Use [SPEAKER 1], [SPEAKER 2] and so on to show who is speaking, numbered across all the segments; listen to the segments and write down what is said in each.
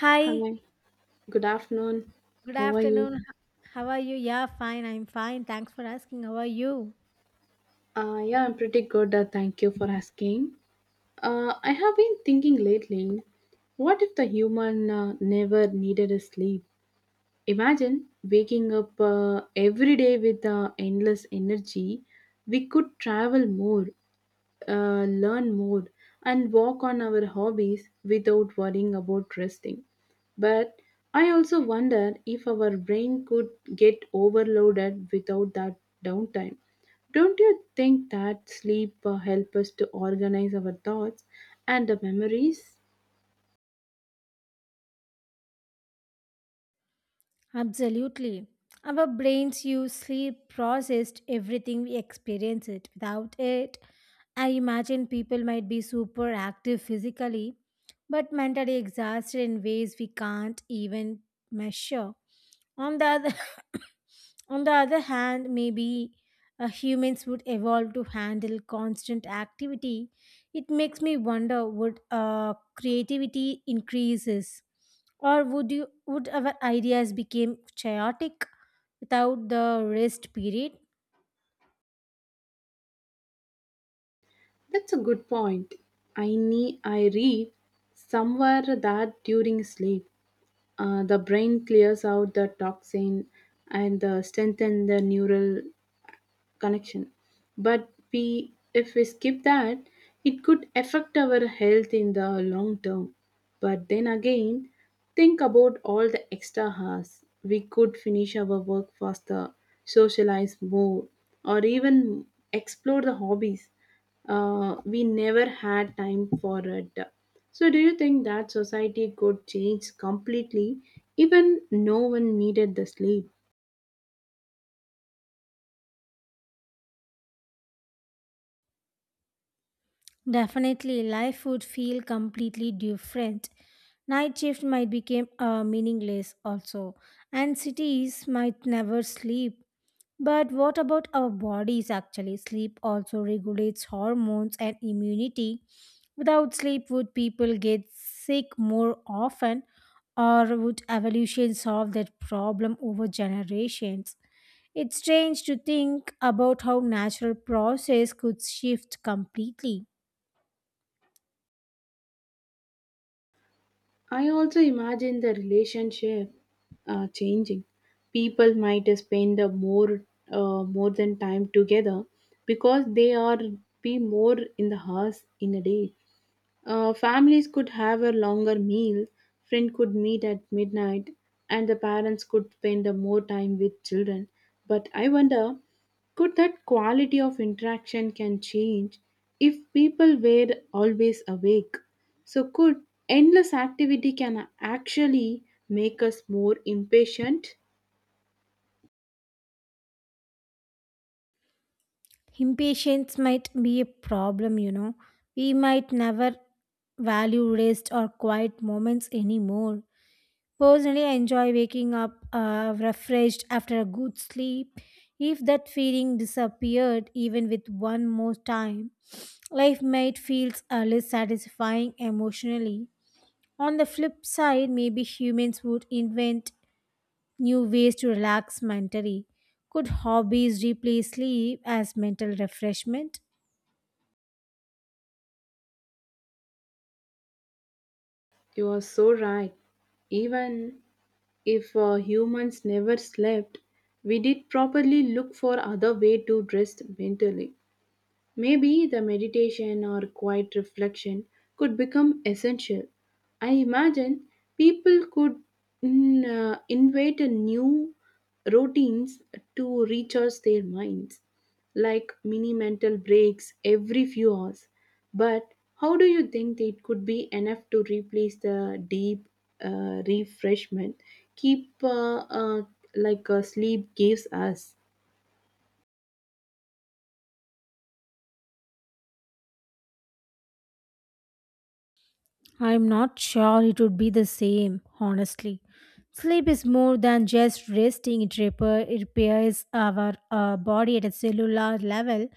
[SPEAKER 1] Hi,
[SPEAKER 2] Hi, good afternoon.
[SPEAKER 1] good
[SPEAKER 2] How are
[SPEAKER 1] afternoon.
[SPEAKER 2] you?
[SPEAKER 1] How are you? Yeah, fine. I'm fine. Thanks for asking. How are you?
[SPEAKER 2] Yeah, I'm pretty good. Thank you for asking. I have been thinking lately, what if the human never needed a sleep? Imagine waking up every day with endless energy. We could travel more, learn more and work on our hobbies without worrying about resting. But I also wonder if our brain could get overloaded without that downtime. Don't you think that sleep help us to organize our thoughts and the memories?
[SPEAKER 1] Absolutely. Our brains use sleep, processed everything we experience it. Without it, I imagine people might be super active physically, but mentally exhausted in ways we can't even measure. On the other, on the other hand, maybe humans would evolve to handle constant activity. It makes me wonder: would creativity increases, or would our ideas become chaotic without the rest period?
[SPEAKER 2] That's a good point. I read somewhere that during sleep, the brain clears out the toxin and strengthen the neural connection, but we if we skip that it could affect our health in the long term. But then again, think about all the extra hours. We could finish our work faster, socialize more, or even explore the hobbies we never had time for it. So do you think that society could change completely even no one needed the sleep?
[SPEAKER 1] Definitely, life would feel completely different. Night shift might become meaningless also, and cities might never sleep. But what about our bodies actually? Sleep also regulates hormones and immunity. Without sleep, would people get sick more often, or would evolution solve that problem over generations? It's strange to think about how natural process could shift completely.
[SPEAKER 2] I also imagine the relationship changing. People might spend a more more than time together because they are be more in the house in a day. Families could have a longer meal, friends could meet at midnight, and the parents could spend more time with children. But I wonder, could that quality of interaction can change if people were always awake? So could endless activity can actually make us more impatient?
[SPEAKER 1] Impatience might be a problem, you know. We might never value rest or quiet moments anymore. Personally, I enjoy waking up refreshed after a good sleep. If that feeling disappeared even with one more time, life might feel a less satisfying emotionally. On the flip side, maybe humans would invent new ways to relax mentally. Could hobbies replace sleep as mental refreshment?
[SPEAKER 2] You are so right. Even if humans never slept, we did properly look for other way to rest mentally. Maybe the meditation or quiet reflection could become essential. I imagine people could mm, invent a new routines to recharge their minds, like mini mental breaks every few hours. But how do you think it could be enough to replace the deep refreshment keep like sleep gives us?
[SPEAKER 1] I'm not sure it would be the same, honestly. Sleep is more than just resting, it repairs our body at a cellular level.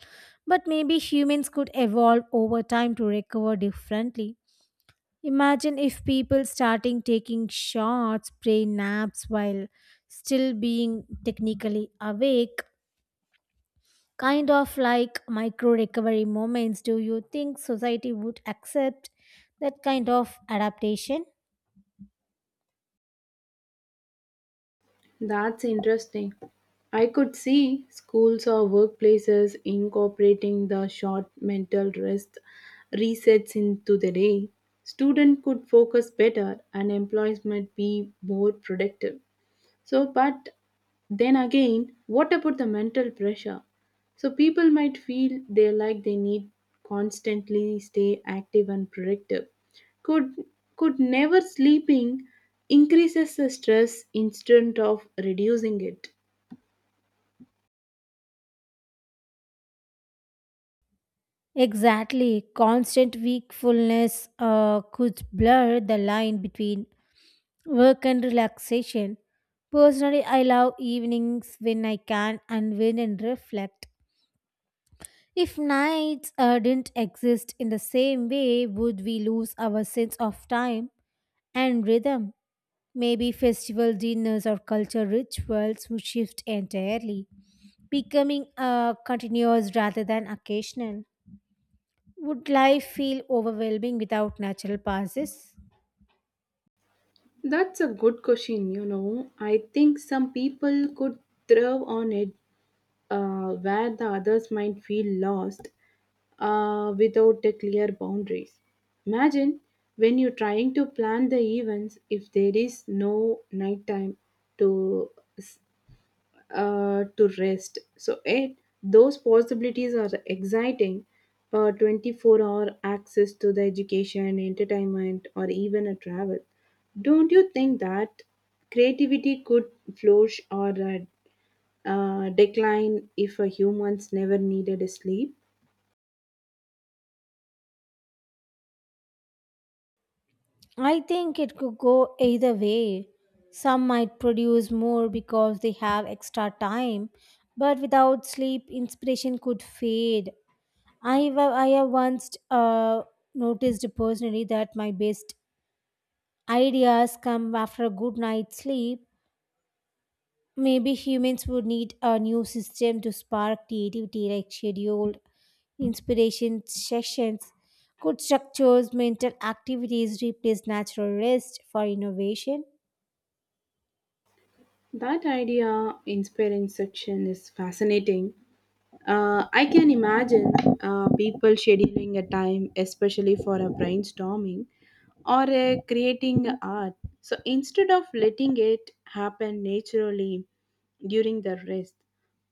[SPEAKER 1] But maybe humans could evolve over time to recover differently. Imagine if people starting taking shots, brain naps while still being technically awake, kind of like micro recovery moments. Do you think society would accept that kind of adaptation?
[SPEAKER 2] That's interesting. I could see schools or workplaces incorporating the short mental rest resets into the day. Students could focus better and employees might be more productive. So, but then again, what about the mental pressure? So, people might feel they like they need constantly stay active and productive. Could could never sleeping increases the stress instead of reducing it?
[SPEAKER 1] Exactly. Constant wakefulness could blur the line between work and relaxation. Personally, I love evenings when I can unwind and reflect. If nights didn't exist in the same way, would we lose our sense of time and rhythm? Maybe festival dinners or cultural rituals would shift entirely, becoming continuous rather than occasional. Would life feel overwhelming without natural pauses?
[SPEAKER 2] That's a good question, you know. I think some people could thrive on it where the others might feel lost without the clear boundaries. Imagine when you're trying to plan the events, if there is no nighttime to s- to rest. So eight, those possibilities are exciting. 24-hour access to the education, entertainment, or even a travel. Don't you think that creativity could flourish or decline if a humans never needed a sleep?
[SPEAKER 1] I think it could go either way. Some might produce more because they have extra time, but without sleep, inspiration could fade. I have once noticed personally that my best ideas come after a good night's sleep. Maybe humans would need a new system to spark creativity, like scheduled inspiration sessions. Could structures mental activities replace natural rest for innovation?
[SPEAKER 2] That idea inspiring section is fascinating. I can imagine people scheduling a time, especially for a brainstorming or creating art. So instead of letting it happen naturally during the rest,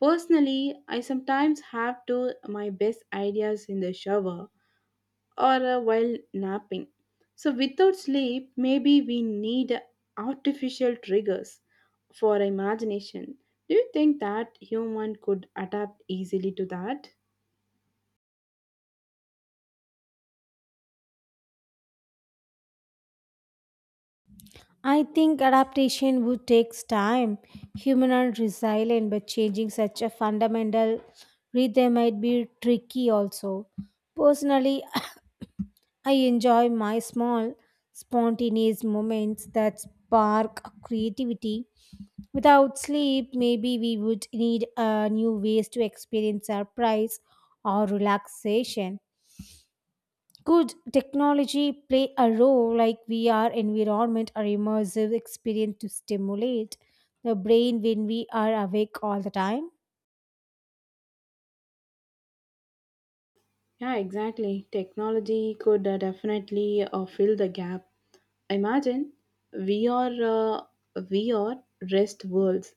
[SPEAKER 2] personally, I sometimes have to my best ideas in the shower or while napping. So, without sleep, maybe we need artificial triggers for imagination. Do you think that human could adapt easily to that?
[SPEAKER 1] I think adaptation would take time. Humans are resilient, but changing such a fundamental rhythm might be tricky also. Personally, I enjoy my small, spontaneous moments that spark creativity. Without sleep, maybe we would need new ways to experience surprise or relaxation. Could technology play a role like VR environment or immersive experience to stimulate the brain when we are awake all the time?
[SPEAKER 2] Yeah, exactly. Technology could definitely fill the gap. Imagine we are uh, we are rest worlds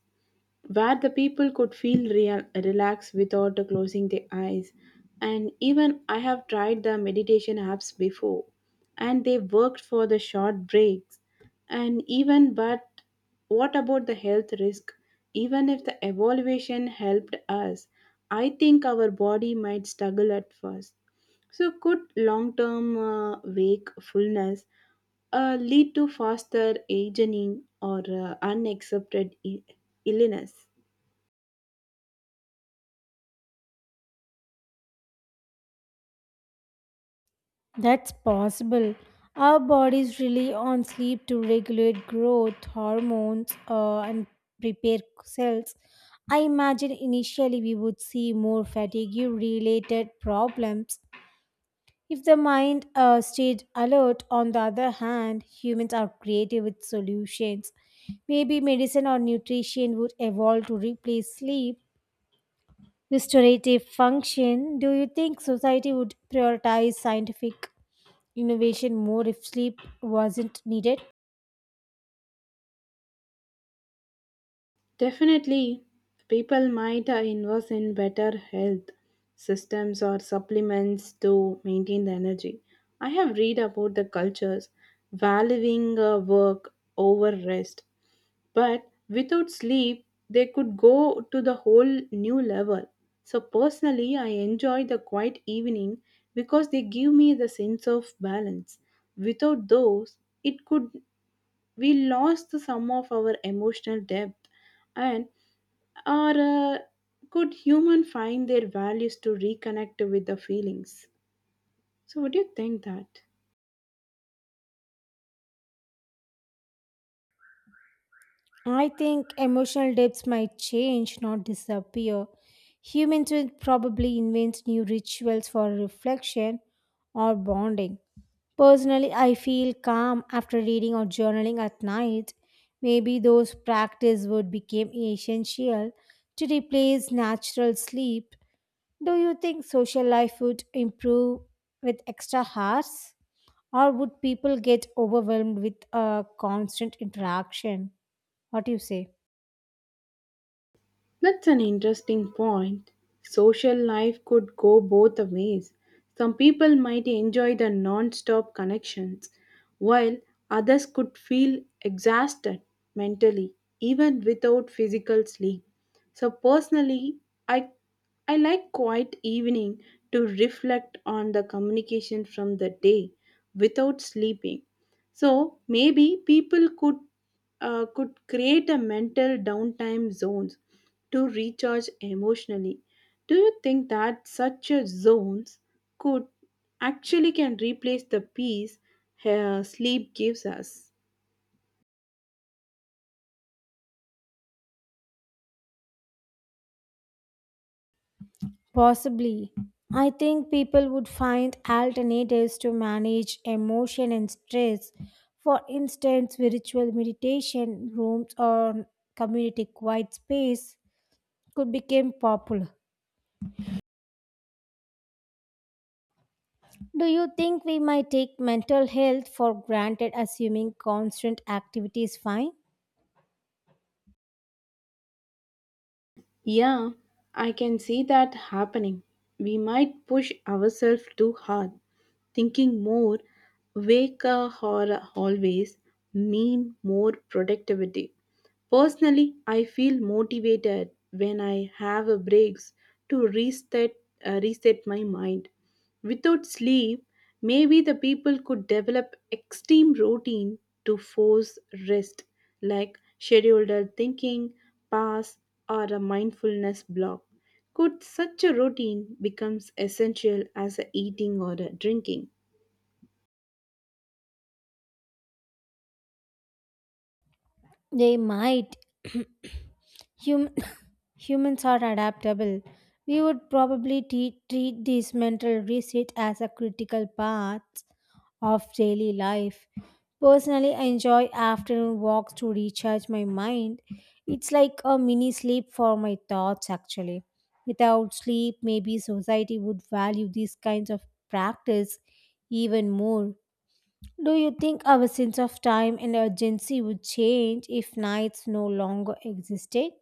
[SPEAKER 2] where the people could feel real, relaxed without closing their eyes. And even I have tried the meditation apps before, and they worked for the short breaks. And even, but what about the health risk? Even if the evaluation helped us, I think our body might struggle at first. So, could long term wakefulness lead to faster aging or unaccepted illness?
[SPEAKER 1] That's possible. Our bodies rely on sleep to regulate growth, hormones, and prepare cells. I imagine initially we would see more fatigue related problems. If the mind stayed alert, on the other hand, humans are creative with solutions. Maybe medicine or nutrition would evolve to replace sleep, restorative function. Do you think society would prioritize scientific innovation more if sleep wasn't needed?
[SPEAKER 2] Definitely, people might invest in better health systems or supplements to maintain the energy. I have read about the cultures valuing work over rest. But without sleep, they could go to the whole new level. So, personally, I enjoy the quiet evening because they give me the sense of balance. Without those, it could we lost some of our emotional depth and or could human find their values to reconnect with the feelings. So what do you think that?
[SPEAKER 1] I think emotional depths might change, not disappear. Humans will probably invent new rituals for reflection or bonding. Personally, I feel calm after reading or journaling at night. Maybe those practice would become essential to replace natural sleep. Do you think social life would improve with extra hours? Or would people get overwhelmed with a constant interaction? What do you say?
[SPEAKER 2] That's an interesting point. Social life could go both the ways. Some people might enjoy the non stop connections, while others could feel exhausted mentally, even without physical sleep. So, personally, I, I like quiet evening to reflect on the communication from the day without sleeping. So, maybe people could create a mental downtime zones to recharge emotionally. Do you think that such a zones could actually can replace the peace sleep gives us?
[SPEAKER 1] Possibly. I think people would find alternatives to manage emotion and stress. For instance, spiritual meditation rooms or community quiet space could become popular. Do you think we might take mental health for granted assuming constant activity is fine?
[SPEAKER 2] Yeah, I can see that happening. We might push ourselves too hard, thinking more, wake or always mean more productivity. Personally, I feel motivated when I have a breaks to reset, reset my mind. Without sleep, maybe the people could develop extreme routine to force rest, like scheduled thinking, pass, or a mindfulness block. Could such a routine becomes essential as a eating or a drinking?
[SPEAKER 1] They might. Hum- humans are adaptable. We would probably treat this mental reset as a critical part of daily life. Personally, I enjoy afternoon walks to recharge my mind. It's like a mini sleep for my thoughts, actually. Without sleep, maybe society would value these kinds of practice even more. Do you think our sense of time and urgency would change if nights no longer existed?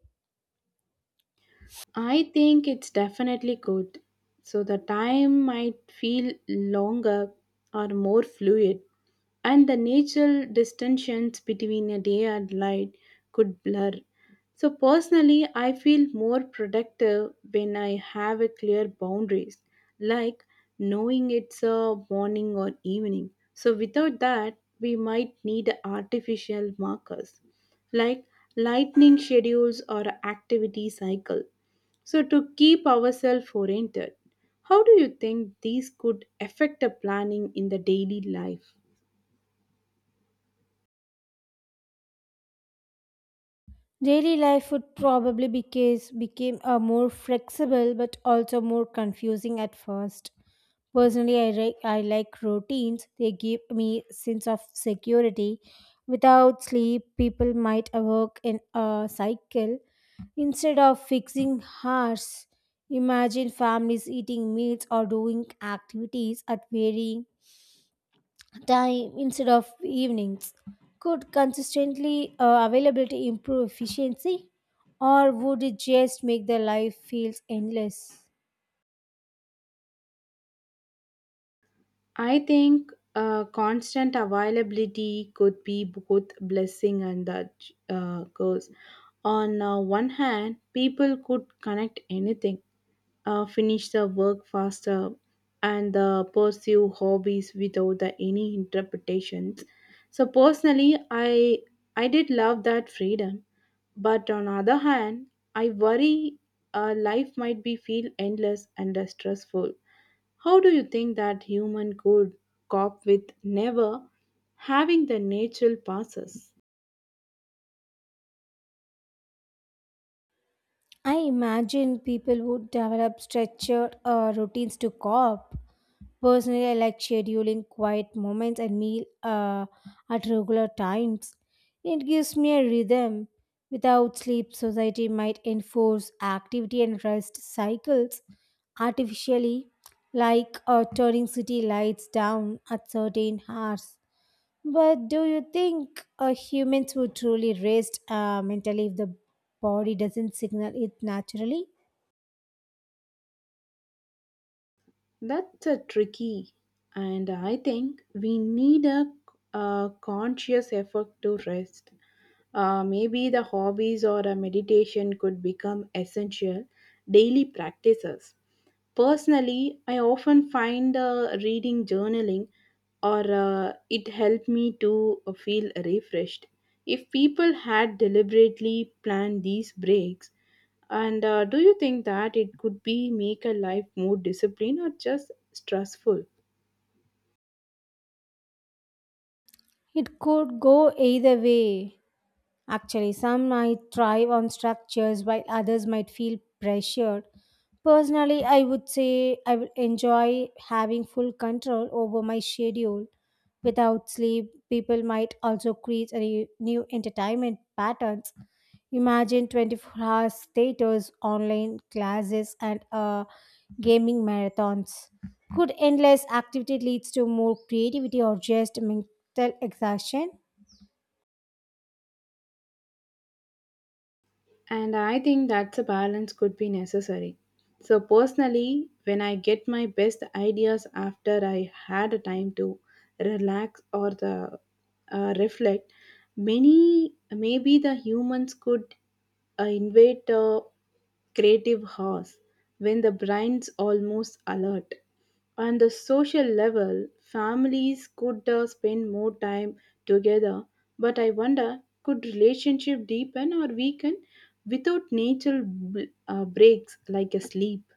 [SPEAKER 2] I think it's definitely good. So the time might feel longer or more fluid, and the natural distinctions between a day and light could blur. So personally, I feel more productive when I have a clear boundaries, like knowing it's a morning or evening. So without that, we might need artificial markers, like lightning schedules or activity cycle. So, to keep ourselves oriented, how do you think these could affect the planning in the daily life?
[SPEAKER 1] Daily life would probably became a more flexible but also more confusing at first. Personally, I like routines. They give me sense of security. Without sleep, people might work in a cycle instead of fixing hours. Imagine families eating meals or doing activities at varying time instead of evenings. Could consistently availability improve efficiency, or would it just make the life feels endless?
[SPEAKER 2] I think constant availability could be both blessing and the curse. On one hand, people could connect anything, finish the work faster, and pursue hobbies without the, any interpretations. So personally, I did love that freedom, but on other hand, I worry life might be feel endless and stressful. How do you think that human could cope with never having the natural passes?
[SPEAKER 1] I imagine people would develop structured routines to cope. Personally, I like scheduling quiet moments and meal at regular times. It gives me a rhythm. Without sleep, society might enforce activity and rest cycles artificially, like turning city lights down at certain hours. But do you think humans would truly rest mentally if the body doesn't signal it naturally?
[SPEAKER 2] That's a tricky, and I think we need a conscious effort to rest. Maybe the hobbies or a meditation could become essential daily practices. Personally, I often find reading journaling or it helped me to feel refreshed. If people had deliberately planned these breaks, and do you think that it could be make a life more disciplined or just stressful?
[SPEAKER 1] It could go either way. Actually, some might thrive on structures while others might feel pressured. Personally, I would enjoy having full control over my schedule. Without sleep, people might also create a new entertainment patterns. Imagine 24 hours theaters, online classes, and gaming marathons. Could endless activity leads to more creativity or just mental exhaustion?
[SPEAKER 2] And I think that's a balance could be necessary. So, personally, when I get my best ideas after I had a time to relax or the reflect, many maybe the humans could invade. Creative horse when the brain's almost alert. On the social level, families could spend more time together, but I wonder could relationship deepen or weaken without natural breaks like a sleep?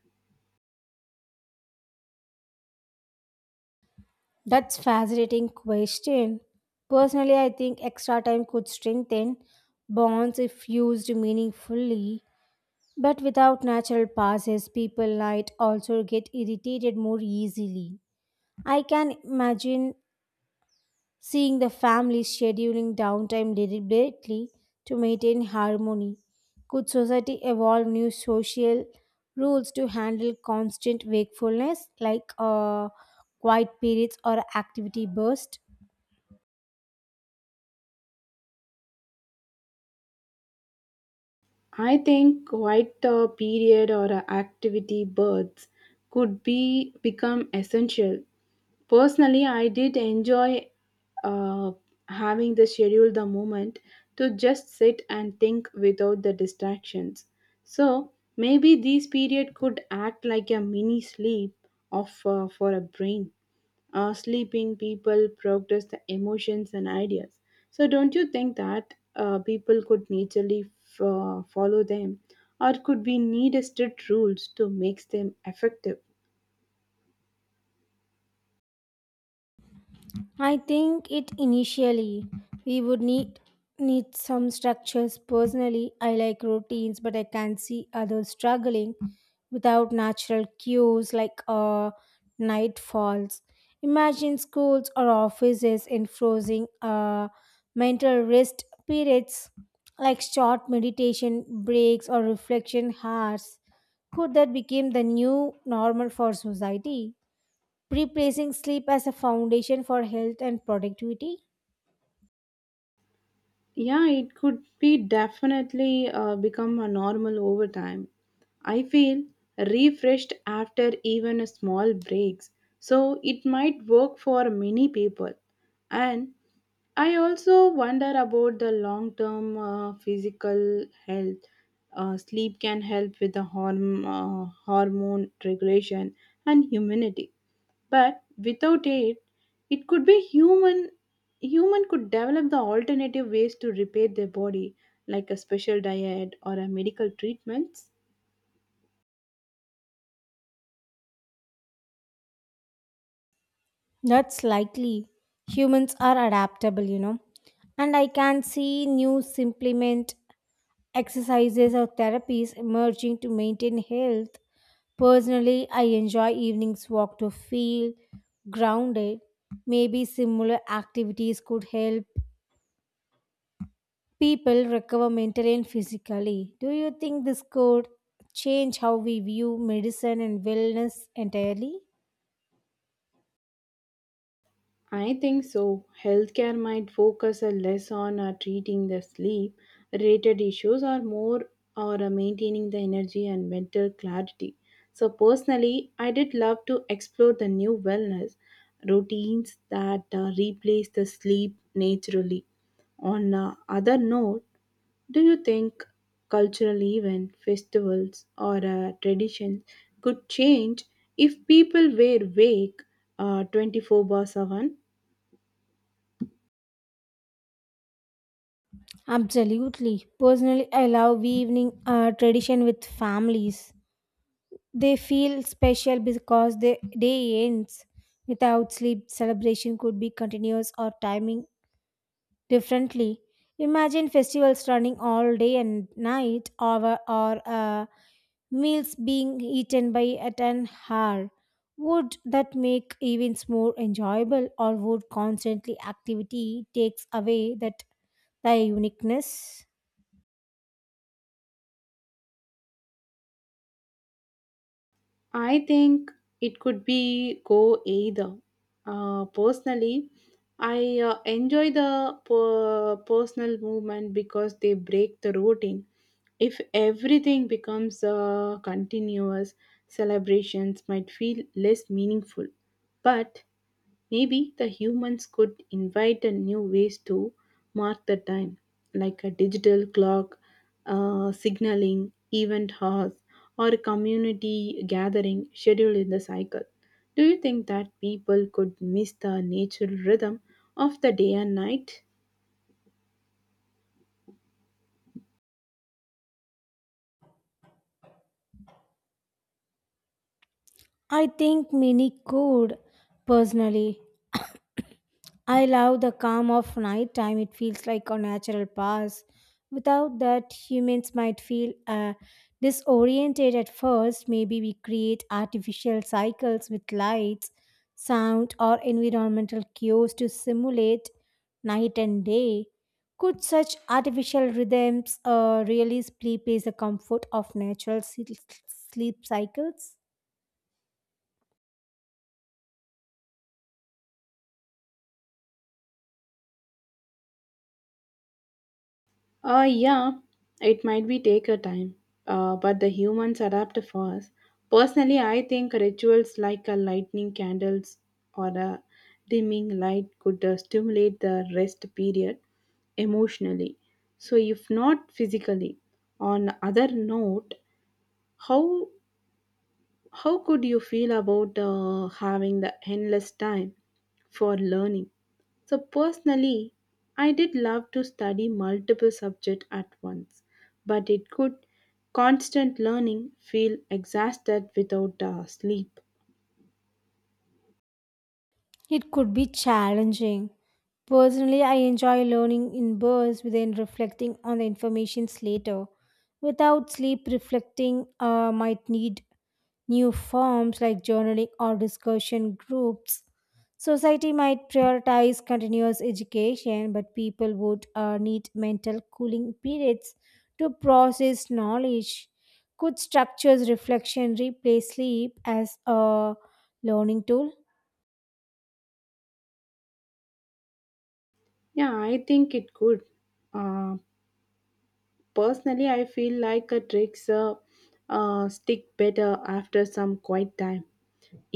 [SPEAKER 1] That's fascinating question. Personally, I think extra time could strengthen bonds if used meaningfully, but without natural passes, people might also get irritated more easily. I can imagine seeing the family scheduling downtime deliberately to maintain harmony. Could society evolve new social rules to handle constant wakefulness like quiet periods or activity bursts?
[SPEAKER 2] I think quite a period or a activity birds could be become essential. Personally, I did enjoy uh, having the schedule the moment to just sit and think without the distractions. So maybe this period could act like a mini sleep of for a brain sleeping people progress the emotions and ideas. So don't you think that people could naturally follow them, or could we need a strict rules to make them effective?
[SPEAKER 1] I think it initially we would need some structures. Personally, I like routines, but I can see others struggling without natural cues like nightfalls. Imagine schools or offices enforcing mental rest periods like short meditation breaks or reflection hours. Could that become the new normal for society, replacing sleep as a foundation for health and productivity?
[SPEAKER 2] Yeah, it could be definitely become a normal over time. I feel refreshed after even a small breaks, so it might work for many people. And I also wonder about the long term physical health. Sleep can help with the hormone regulation and immunity, but without it, it could be human. Human could develop the alternative ways to repair their body, like a special diet or a medical treatments.
[SPEAKER 1] That's likely. Humans are adaptable, you know. And I can see new supplement exercises or therapies emerging to maintain health. Personally, I enjoy evenings walk to feel grounded. Maybe similar activities could help people recover mentally and physically. Do you think this could change how we view medicine and wellness entirely?
[SPEAKER 2] I think so. Healthcare might focus a less on treating the sleep related issues or more or maintaining the energy and mental clarity. So personally, I did love to explore the new wellness routines that replace the sleep naturally. On other note, do you think cultural event, festivals or traditions could change if people were awake 24 by 7?
[SPEAKER 1] Absolutely. Personally, I love evening tradition with families. They feel special because the day ends without sleep. Celebration could be continuous or timing differently. Imagine festivals running all day and night, or meals being eaten by at an hour. Would that make events more enjoyable, or would constantly activity takes away that their uniqueness?
[SPEAKER 2] I think it could be go either. Personally, I enjoy the personal movement because they break the routine. If everything becomes continuous, celebrations might feel less meaningful. But maybe the humans could invite a new ways to mark the time, like a digital clock, signaling, event hours, or a community gathering scheduled in the cycle. Do you think that people could miss the natural rhythm of the day and night?
[SPEAKER 1] I think many could. Personally, I love the calm of night time. It feels like a natural pause. Without that, humans might feel disoriented at first. Maybe we create artificial cycles with lights, sound, or environmental cues to simulate night and day. Could such artificial rhythms really replace the comfort of natural sleep cycles?
[SPEAKER 2] Yeah, it might be take a time, but the humans adapt fast. Personally, I think rituals like a lightning candles or a dimming light could stimulate the rest period emotionally. So, if not physically, on other note, how how could you feel about having the endless time for learning? So personally, I did love to study multiple subjects at once, but it could constant learning feel exhausted without sleep.
[SPEAKER 1] It could be challenging. Personally, I enjoy learning in bursts within reflecting on the information later. Without sleep, reflecting might need new forms like journaling or discussion groups. Society might prioritize continuous education, but people would need mental cooling periods to process knowledge. Could structures reflection replace sleep as a learning tool?
[SPEAKER 2] Yeah, I think it could. Uh, personally, I feel like a tricks stick better after some quiet time,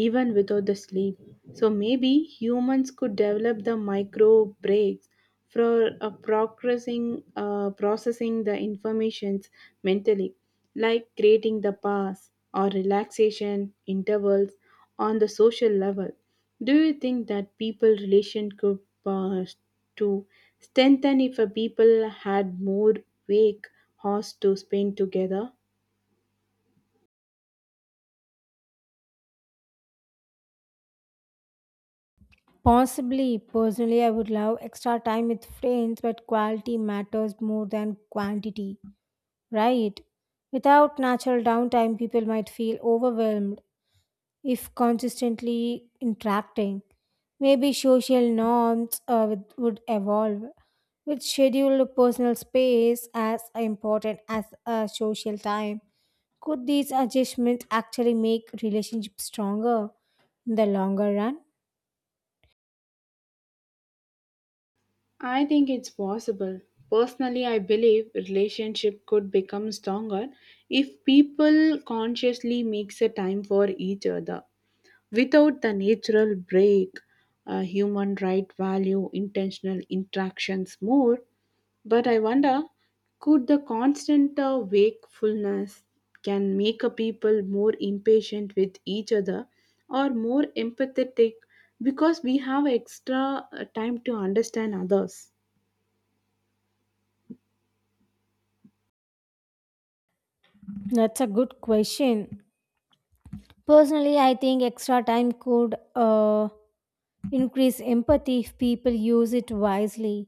[SPEAKER 2] even without the sleep. So maybe humans could develop the micro breaks for processing the informations mentally, like creating the pause or relaxation intervals on the social level. Do you think that people relation could uh, to strengthen if a people had more wake hours to spend together?
[SPEAKER 1] Possibly, personally, I would love extra time with friends, but quality matters more than quantity, right? Without natural downtime, people might feel overwhelmed if consistently interacting. Maybe social norms would evolve, with scheduled personal space as important as social time. Could these adjustments actually make relationships stronger in the longer run?
[SPEAKER 2] I think it's possible. Personally, I believe relationship could become stronger if people consciously makes a time for each other. Without the natural break, human right value intentional interactions more. But I wonder, could the constant wakefulness can make a people more impatient with each other or more empathetic because we have extra time to understand others?
[SPEAKER 1] That's a good question. Personally, I think extra time could increase empathy if people use it wisely.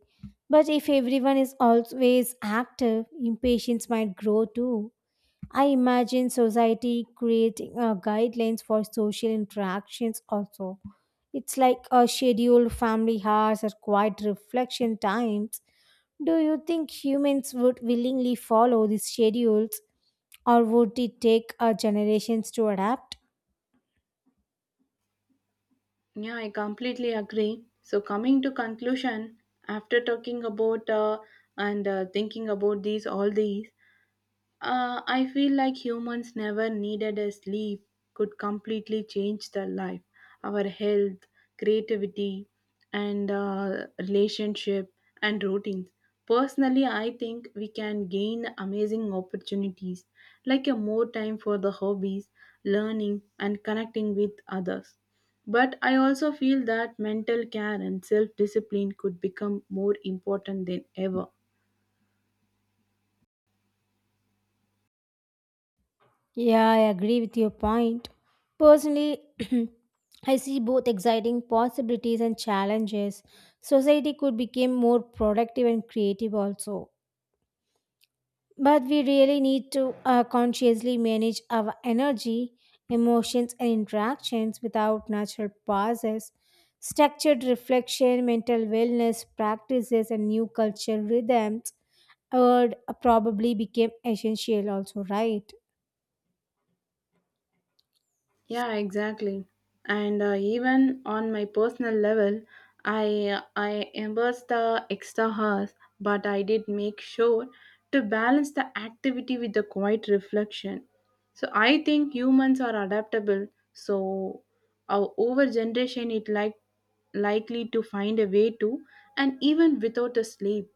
[SPEAKER 1] But if everyone is always active, impatience might grow too. I imagine society creating guidelines for social interactions also. It's like a scheduled family hours or quiet reflection times. Do you think humans would willingly follow these schedules or would it take generations to adapt?
[SPEAKER 2] Yeah, I completely agree. So, coming to conclusion, after talking about and thinking about these all these, I feel like humans never needed a sleep could completely change their life, our health, creativity, and relationship and routines. Personally, I think we can gain amazing opportunities, like a more time for the hobbies, learning, and connecting with others. But I also feel that mental care and self discipline could become more important than ever.
[SPEAKER 1] Yeah, I agree with your point. Personally, I see both exciting possibilities and challenges. Society could become more productive and creative also. But we really need to consciously manage our energy, emotions, and interactions without natural pauses. Structured reflection, mental wellness practices, and new culture rhythms would probably become essential also, right?
[SPEAKER 2] Yeah, exactly. And even on my personal level, I embrace the extra hours, but I did make sure to balance the activity with the quiet reflection. So I think humans are adaptable. So our over generation it likely to find a way to, and even without a sleep.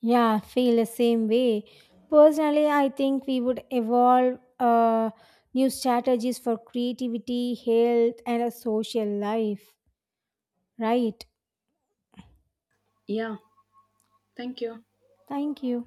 [SPEAKER 1] Yeah, I feel the same way. Personally, I think we would evolve new strategies for creativity, health, and a social life. Right.
[SPEAKER 2] Yeah. Thank you.
[SPEAKER 1] Thank you.